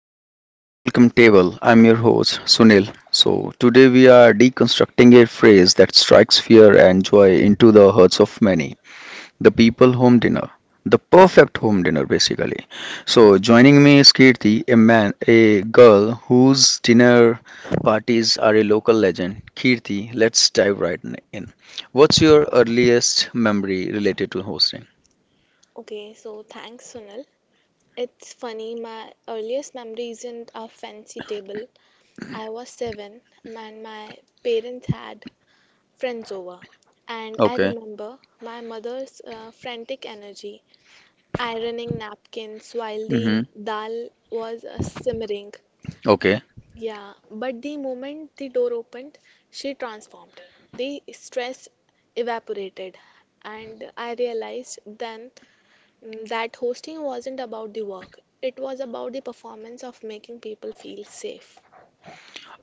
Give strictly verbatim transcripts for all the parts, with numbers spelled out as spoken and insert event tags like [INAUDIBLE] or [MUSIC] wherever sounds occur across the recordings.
to the welcome table. I'm your host Sunil. So, today we are deconstructing a phrase that strikes fear and joy into the hearts of many the people home dinner. The perfect home dinner, basically. Hmm. So, joining me is Kirti, a man, a girl whose dinner parties are a local legend. Kirti, let's dive right in. What's your earliest memory related to hosting? Okay, so thanks, Sunil. It's funny, my earliest memory isn't a fancy table. I was seven, and my parents had friends over. And I Okay. remember my mother's uh, frantic energy, ironing napkins while the Mm-hmm. dal was uh, simmering. Okay. Yeah, but the moment the door opened, she transformed. The stress evaporated, and I realized then mm, that hosting wasn't about the work, it was about the performance of making people feel safe.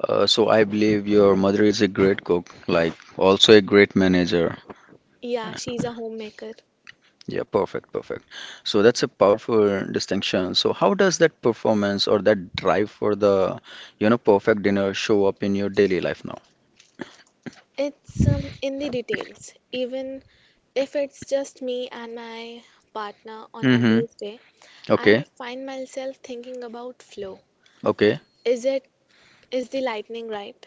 Uh, so I believe your mother is a great cook, like also a great manager. Yeah, she's a homemaker. Yeah, perfect, perfect. So that's a powerful distinction. So how does that performance or that drive for the, you know, perfect dinner show up in your daily life now? It's um, in the details. Even if it's just me and my partner on a Mm-hmm. Tuesday, Okay, I find myself thinking about flow. okay, Is it is the lightning right?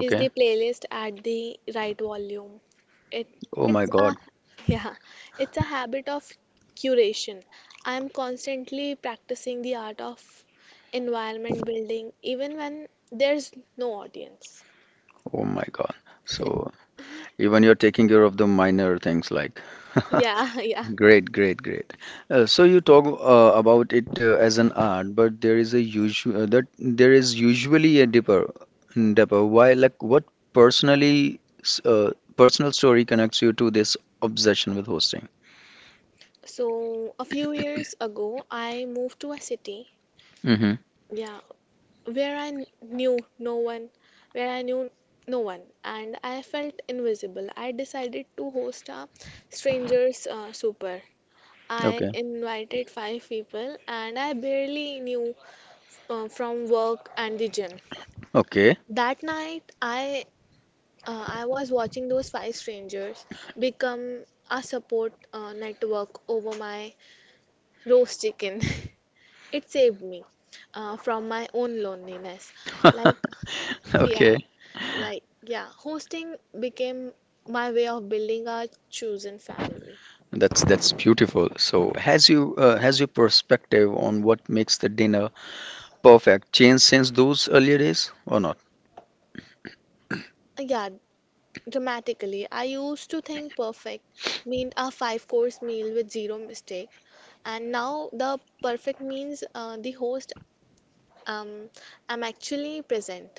Is the playlist at the right volume? It Oh my it's a God. [LAUGHS] yeah, it's a habit of curation. I am constantly practicing the art of environment building even when there's no audience. Oh my God. So even you're taking care of the minor things like [LAUGHS] Yeah, [LAUGHS] yeah. Great, great, great. Uh, so you talk uh, about it uh, as an art, but there is a usual uh, that there is usually a deeper, deeper. Why, like, what personally, s- uh, personal story connects you to this obsession with hosting? So a few years ago, I moved to a city, Mm-hmm. yeah, where I n- knew no one, where I knew no one, and I felt invisible. I decided to host a strangers uh, super. I Okay. invited five people and I barely knew uh, from work and the gym. Okay. That night, I uh, I was watching those five strangers become a support uh, network over my roast chicken. [LAUGHS] It saved me uh, from my own loneliness. Like, [LAUGHS] yeah, Okay. like, yeah, hosting became my way of building a chosen family. That's that's beautiful. So has you uh, has your perspective on what makes the dinner perfect changed since those earlier days or not? Uh, Yeah, dramatically. I used to think perfect meant a five course meal with zero mistake, and now the perfect means uh, the host um, I'm actually present.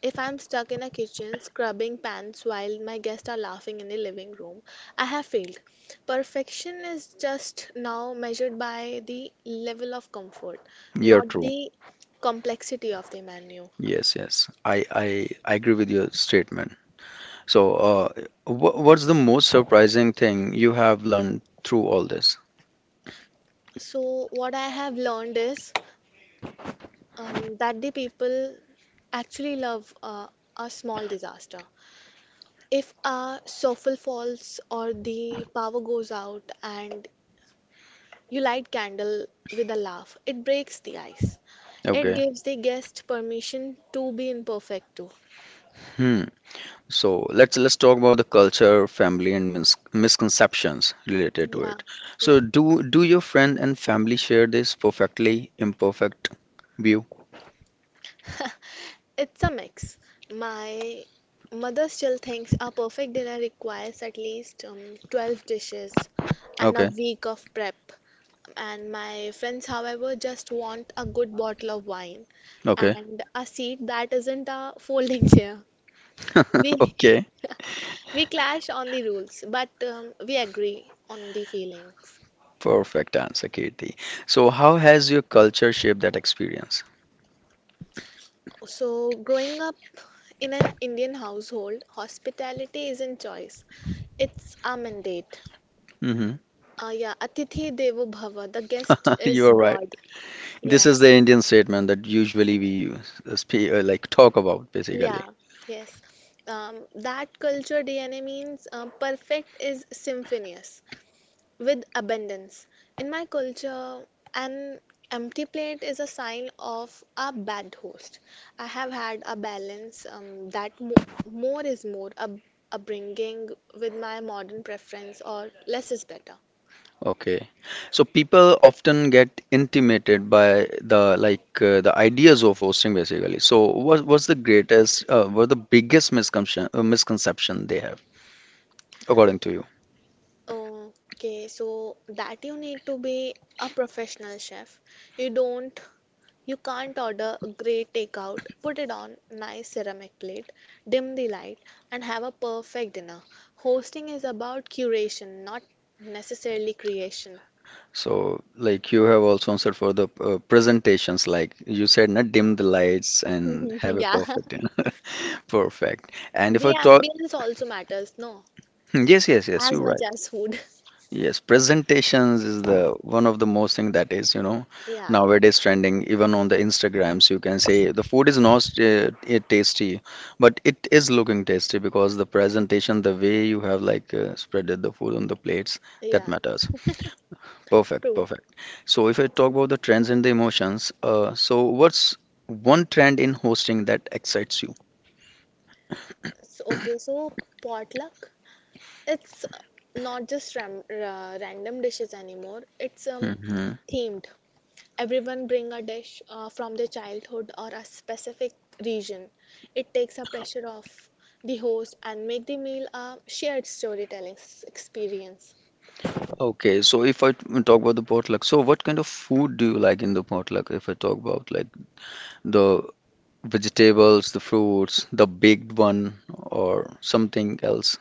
If I'm stuck in a kitchen scrubbing pans while my guests are laughing in the living room, I have failed. Perfection is just now measured by the level of comfort, You're not true. the complexity of the menu. Yes, yes. I I, I agree with your statement. So, uh, wh- what's the most surprising thing you have learned through all this? So, what I have learned is Um, that the people actually love uh, a small disaster. If a soffle falls or the power goes out and you light candle with a laugh, it breaks the ice. It Okay. gives the guest permission to be imperfect too. Hmm. So let's let's talk about the culture, family, and mis misconceptions related to Yeah, it. yeah. So, do do your friend and family share this perfectly imperfect view? [LAUGHS] It's a mix. My mother still thinks a perfect dinner requires at least um, twelve dishes and a Okay. week of prep. And my friends, however, just want a good bottle of wine Okay. and a seat that isn't a folding [LAUGHS] chair. [LAUGHS] We Okay. [LAUGHS] we clash on the rules, but um, we agree on the feelings. Perfect answer, Kirti. So, how has your culture shaped that experience? So, growing up in an Indian household, hospitality isn't choice, it's our mandate. Hmm. Uh, yeah, Atithi Devo Bhava, the guest [LAUGHS] You is are right. God. Yeah, This is the Indian statement that usually we use, uh, spe- uh, like talk about basically. yeah, yes. Um, that culture D N A means uh, perfect is symphonious with abundance. In my culture, an empty plate is a sign of a bad host. I have had a balance um, that mo- more is more a upbringing with my modern preference, or less is better. Okay. So people often get intimidated by the like uh, the ideas of hosting basically. So what what's the greatest uh, what the biggest misconception uh, misconception they have according to you? Okay, so that you need to be a professional chef. You don't, you can't order a great takeout, put it on nice ceramic plate, dim the light, and have a perfect dinner. Hosting is about curation, not necessarily creation. So like you have also answered for the uh, presentations like you said not dim the lights and [LAUGHS] have a Yeah, perfect [LAUGHS] perfect. And if I the talk ambience also matters, no? [LAUGHS] yes yes yes As you're much right. as food. [LAUGHS] Yes, presentations is the one of the most thing that is, you know, Yeah, nowadays trending even on the Instagrams. You can say the food is not uh, it tasty, but it is looking tasty because the presentation, the way you have like uh, spreaded the food on the plates, that yeah, matters. Perfect, true. perfect. So if I talk about the trends and the emotions, uh, so what's one trend in hosting that excites you? So, okay, so potluck. It's not just ram- ra- random dishes anymore. It's um, Hmm. themed. Everyone bring a dish uh, from their childhood or a specific region. It takes the pressure off the host and make the meal a shared storytelling s- experience. Okay, so if I t- talk about the potluck, so what kind of food do you like in the potluck? If I talk about like the vegetables, the fruits, the baked one, or something else.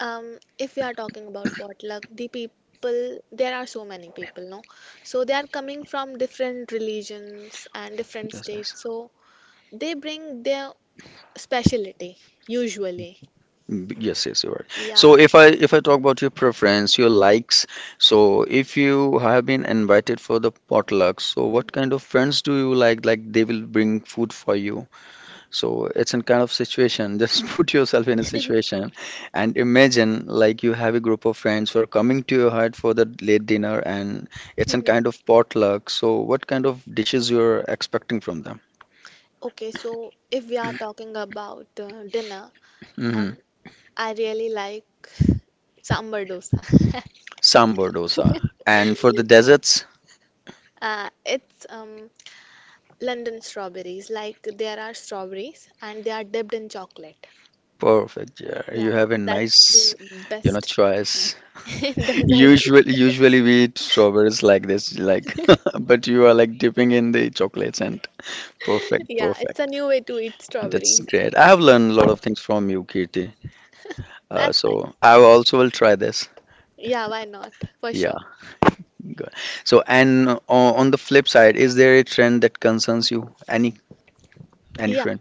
Um, if we are talking about potluck, the people there are so many people, no? So they are coming from different religions and different Yes, yes. states. So they bring their specialty usually. Mm, yes, yes, you're right. So Yeah. if I if I talk about your preference, your likes, so if you have been invited for the potluck, so what kind Mhm. of friends do you like? Like they will bring food for you. So it's in kind of situation. [LAUGHS] Just put yourself in a situation and imagine like you have a group of friends who are coming to your hut for the late dinner and it's in Mhm. kind of potluck. So what kind of dishes you're expecting from them? Okay, so if we are talking about uh, dinner, um, Hmm. I really like sambar dosa. [LAUGHS] Sambar dosa. And for the deserts, Uh, it's um, London strawberries. Like there are strawberries and they are dipped in chocolate. perfect. Yeah, you Yeah, have a that's nice, the you know, best choice. [LAUGHS] in [LAUGHS] dessert. Usually, usually we eat strawberries like this, like, [LAUGHS] [LAUGHS] but you are like dipping in the chocolates and perfect, Yeah, it's perfect. a new way to eat That's strawberries. great. I have learned a lot of things from you, Kirti. Uh, That's nice. so I also will try this. Yeah, why not? For Yeah, sure. good. So and uh, on the flip side, is there a trend that concerns you? Any any Yeah, trend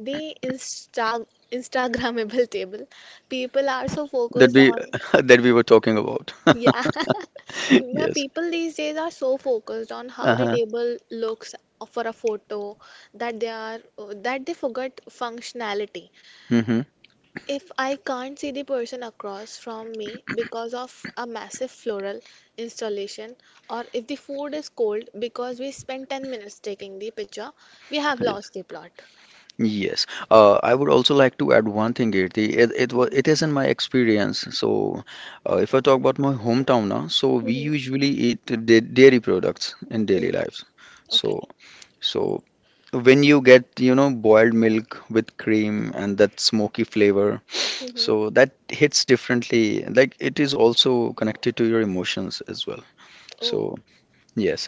the Insta Instagrammable table. People are so that focused we on, [LAUGHS] that we were talking about? yeah, [LAUGHS] [LAUGHS] my Yes. people these days are so focused on how the Uh-huh. table looks for a photo that they are that they forget functionality. Mm-hmm. If I can't see the person across from me because of a massive floral installation, or if the food is cold because we spent ten minutes taking the picture, we have Yes. lost the plot. Yes. Uh, I would also like to add one thing, Kirti. It it was Hmm. it isn't my experience. So, uh, if I talk about my hometown now, so we usually eat da- dairy products in daily Hmm. lives. Okay. So, so when you get you know boiled milk with cream and that smoky flavor Hmm. so that hits differently like it is also connected to your emotions as well Oh, so yes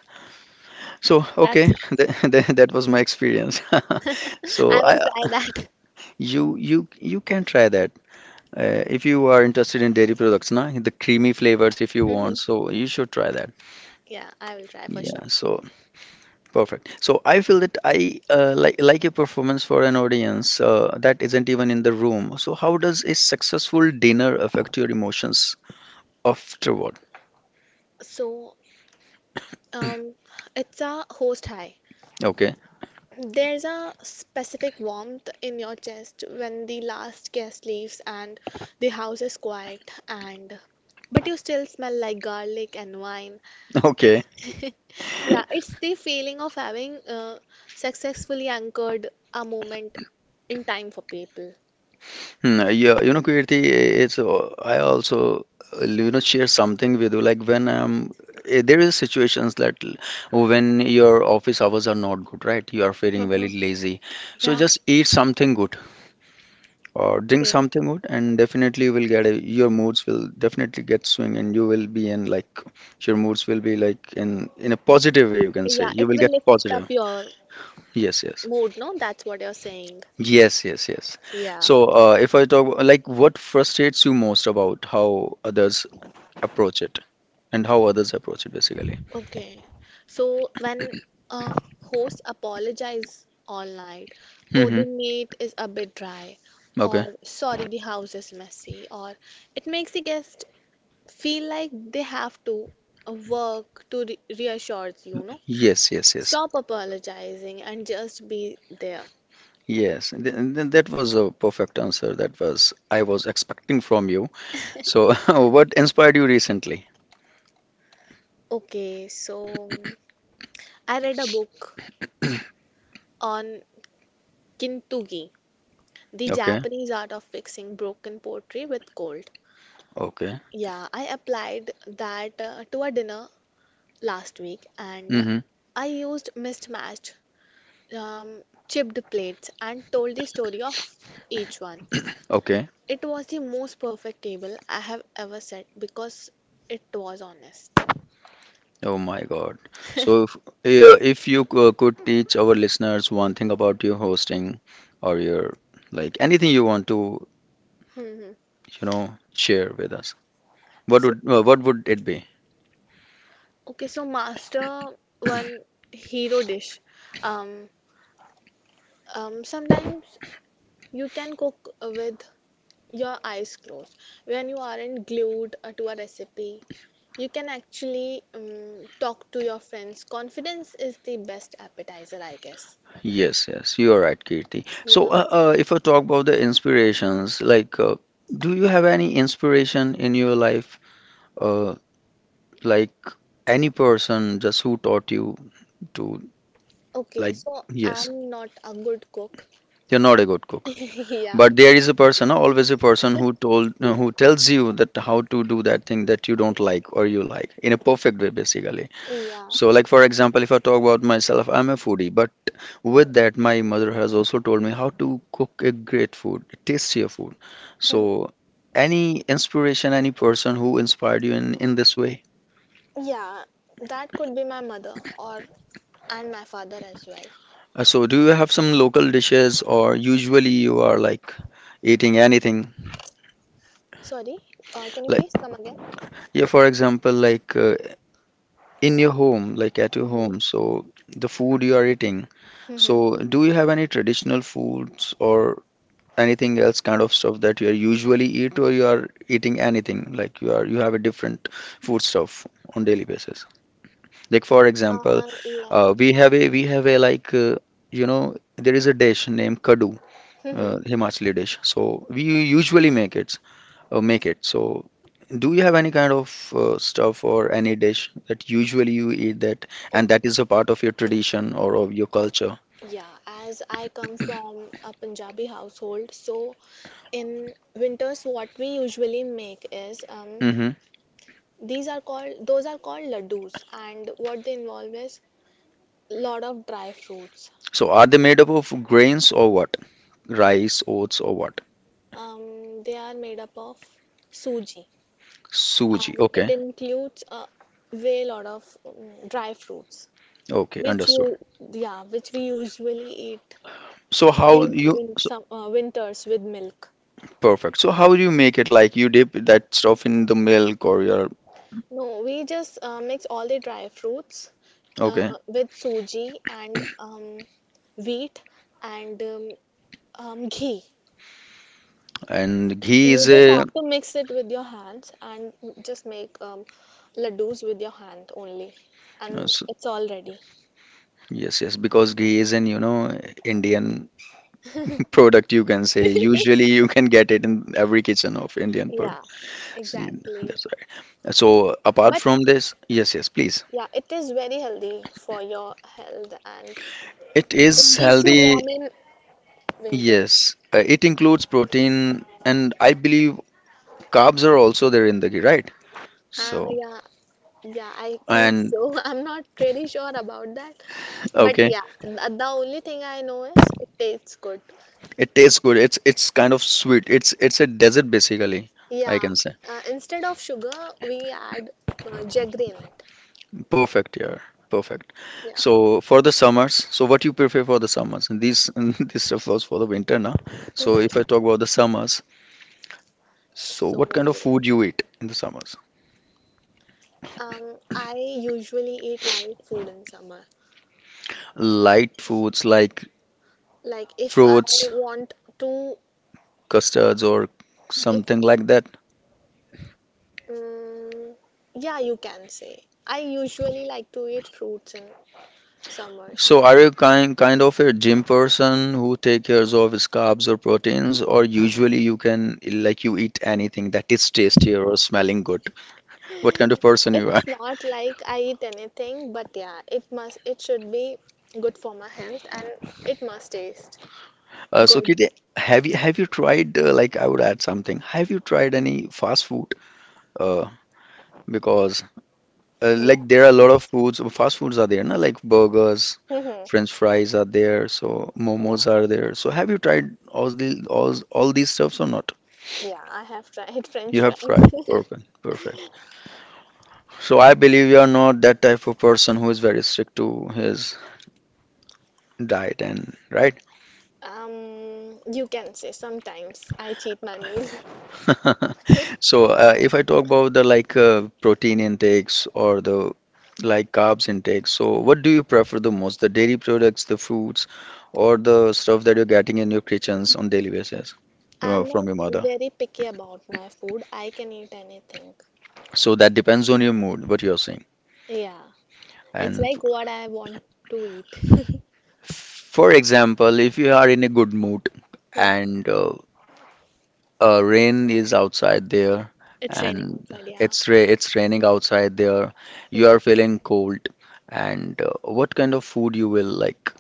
so that's okay nice. [LAUGHS] that, that, that was my experience [LAUGHS] [LAUGHS] so I I will try that. you you you can try that uh, if you are interested in dairy products na the creamy flavors if you want Mhm. so you should try that Yeah, I will try for yeah sure. so perfect. So I feel that I uh, like like a performance for an audience uh, that isn't even in the room. So how does a successful dinner affect your emotions afterward? So, um, it's a host high. Okay, There's a specific warmth in your chest when the last guest leaves and the house is quiet and but you still smell like garlic and wine. [LAUGHS] okay. [LAUGHS] Hmm, Yeah, it's the feeling of having uh, successfully anchored a moment in time for people. yeah, you know, Kirti, it's uh, I also uh, you know share something with you. Like when um eh, there is situations that l- when your office hours are not good, right? You are feeling very [LAUGHS] lazy, so Yeah, just eat something good. Or drink great. something good and definitely you will get a, your moods will definitely get swing and you will be in like your moods will be like in in a positive way you can say Yeah, you it will will get lift up positive your yes yes mood, no? That's what you're saying. yes yes yes Yeah. so uh, if I talk like what frustrates you most about how others approach it and how others approach it basically Okay. So when a host apologize all night, oh, mm-hmm. the meat is a bit dry, Okay or sorry, the house is messy, or it makes the guest feel like they have to uh, work to re reassure you, no? yes yes yes Stop apologizing and just be there. yes Th- th- that was a perfect answer that was I was expecting from you so [LAUGHS] what inspired you recently Okay, so I read a book [CLEARS THROAT] on kintsugi, the Okay, Japanese art of fixing broken pottery with gold. okay. Yeah, I applied that uh, to a dinner last week and Mm-hmm. I used mismatched, um, chipped plates and told the story of each one. Okay. It was the most perfect table I have ever set because it was honest. Oh my God. So if, yeah, if you c- uh, could teach our listeners one thing about your hosting or your like anything you want to, Mhm. you know, share with us, what So, would uh, what would it be? okay, so master one hero dish. Um, um, Sometimes you can cook with your eyes closed. When you aren't glued uh, to a recipe you can actually um, talk to your friends. Confidence is the best appetizer, I guess. Yes, yes, you are right, Kirti. So Yeah, uh, uh, if I talk about the inspirations, like uh, do you have any inspiration in your life? Uh, like any person just who taught you to okay, like so yes, I'm not a good cook. you're not a good cook. [LAUGHS] Yeah, But there is a person no, always a person who told uh, who tells you that how to do that thing that you don't like or you like in a perfect way basically yeah. so like for example if I talk about myself I'm a foodie but with that my mother has also told me how to cook a great food a tastier food so Mhm. any inspiration any person who inspired you in in this way Yeah, that could be my mother or and my father as well. Uh, so do you have some local dishes or usually you are like eating anything Sorry, uh, can you like please come again? yeah for example like uh, in your home, like at [LAUGHS] your Mm-hmm. home, so the food you are eating. Mm-hmm. So, do you have any traditional foods or anything else kind of stuff that you are usually eat, or you are eating anything like you are you have a different food stuff on daily basis? Like for example, Uh, uh, like we have a we have a like uh, you know there is a dish named kadu, [LAUGHS] mm-hmm. uh, Himachali dish. So we usually make it uh, make it. So, do you have any kind of uh, stuff or any dish that usually you eat that and that is a Okay, part of your tradition or of your culture? yeah, as I come from a Punjabi household, so in winters what we usually make is um, Hmm. these are called those are called laddus and what they involve is lot of dry fruits. So, are they made up of grains or what? Rice, oats, or what? Um, they are made up of suji Suji. and it Okay. includes a way lot of um, dry fruits Okay. which you Understood. yeah which we usually eat So, how in, you. in So, some uh, winters with milk. perfect. So, how do you make it? Like, you dip that stuff in the milk or your. No, we just uh, mix all the dry fruits Okay. uh, with suji and um, wheat and um, um, ghee. And ghee You is just a. have to mix it with your hands and just make um, laddus with your hand only, uh, and s- it's all ready. Yes, yes, because ghee is an, you know, Indian product you can say usually you can get it in every kitchen of indian per Yeah, See, exactly. that's right so apart But from this yes yes please yeah, it is very healthy for your health and it it is keeps you healthy warm in winters. yes uh, it includes protein and I believe carbs are also there in the ghee right so Uh, yeah, yeah, I think and so. [LAUGHS] I'm not really sure about that. But okay yeah, th- the only thing I know is it tastes good. it tastes good it's it's kind of sweet it's it's a dessert basically I Yeah, can say uh, instead of sugar, we add uh, jaggery in it. perfect, yeah. Perfect. Yeah. So for the summers, so what you prefer for the summers? And these [LAUGHS] this stuff was for the winter now. So Mhm. if I talk about the summers, so what kind of food So, you eat in the summers? um, I usually eat light food in summer. Light foods like Like if I fruits, want to, custards, or if something like that. um, yeah, you can say. I usually like to eat fruits in summers. So are you kind kind of a gym person who take cares of his carbs or proteins, or usually you can like you eat anything that is tastier or smelling good? What kind of person you It's are? not like I eat anything, but yeah, it must it should be good for my health and it must taste Uh, so good. Kiti, have you have you tried uh, like I would add something. Have you tried any fast food? Uh, because uh, Yeah. like there are a lot of foods, fast foods are there, na? Like burgers, Hmm. French fries are there, so Yeah. momos are there. So have you tried all the all all these stuffs or not? Yeah, I have tried [LAUGHS] You French have fries. [LAUGHS] tried. Perfect, perfect. So I believe you are not that type of person who is very strict to his diet and right? Um, you can say sometimes I cheat my meal. [LAUGHS] [LAUGHS] So, uh, if I talk about the like uh, protein intakes or the like carbs intake, so what do you prefer the most? The dairy products, the fruits, or the stuff that you're getting in your kitchens on daily basis, you know, I'm from not your mother? very picky about my food. I can eat anything. So that depends on your mood, what you're saying. Yeah, it's And like what I want to eat. [LAUGHS] f- for example, if you are in a good mood Yeah. and uh, uh, rain is outside there It's raining and outside, yeah. it's ra it's raining outside there. You Hmm. are feeling cold and uh, what kind of food you will like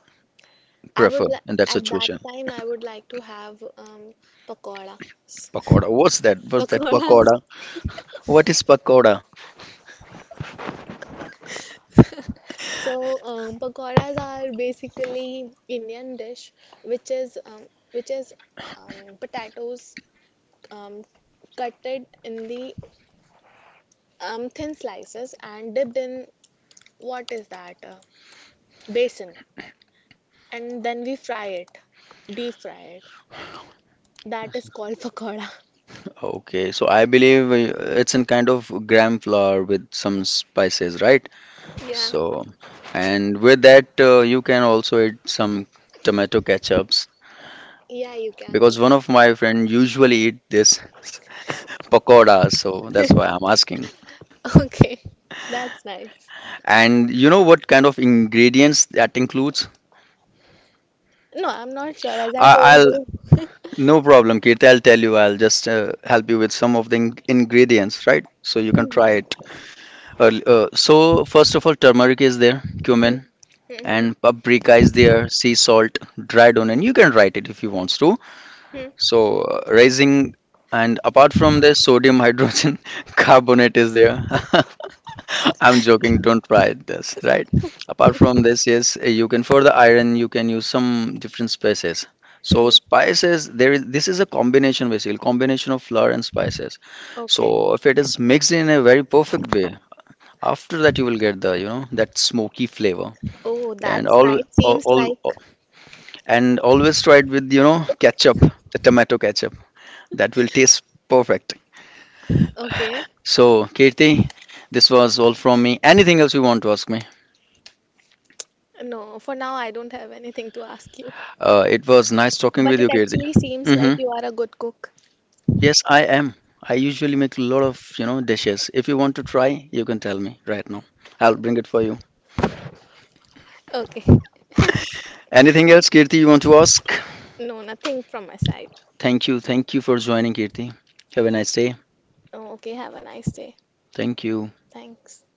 I would prefer li in that At that situation? time I would like to have um pakoras. [LAUGHS] Pakoda. What's that? What's that Pakoras. pakoda? What is pakoda? [LAUGHS] So, um, pakoras are basically Indian dish, which is um, which is um, potatoes um, cutted in the um, thin slices and dipped in what is that uh, basin and then we fry it deep fry it, that is called pakoda. Okay, so I believe uh, it's in kind of gram flour with some spices, right? [LAUGHS] Yeah, So, and with that, uh, you can also eat some tomato ketchups yeah, you can because eat. one of my friend usually eat this. [LAUGHS] pakoda, so that's why I'm asking. [LAUGHS] Okay, that's nice. And you know what kind of ingredients that includes? No, I'm not sure as I I, told I'll you. no problem, Kirti. I'll tell you. I'll just uh, help you with some of the in ingredients, right? So you can try it. early- Uh, so first of all, turmeric is there, cumin, Mm-hmm. and paprika is there, sea salt, dried onion. You can write it if you want to. Hmm. So uh, raising and apart from this, sodium hydrogen [LAUGHS] carbonate is there. [LAUGHS] I'm joking. Don't try this, right? Apart from this, yes, you can for the iron, you can use some different spices. So Hmm. spices, there is this is a combination basically, combination of flour and spices. Okay. So if it is mixed in a very perfect way, after that you will get the, you know, that smoky flavor. Oh, And that's all, nice, all, seems all like. and always try it with, you know, ketchup, the tomato ketchup. That will taste perfect. Okay, So, Kirti, this was all from me. Anything else you want to ask me? no, for now I don't have anything to ask you, Uh, it was nice talking but with it you, Kirti. actually seems Hmm. like you are a good cook. Yes, I am. I usually make a lot of, you know, dishes. If you want to try, you can tell me right now. I'll bring it for you. Okay. Anything else, Kirti, you want to ask? No, nothing from my side. Thank you. Thank you for joining, Kirti. Have a Mm. nice day. Oh, okay. Have a nice day. Thank you. Thanks.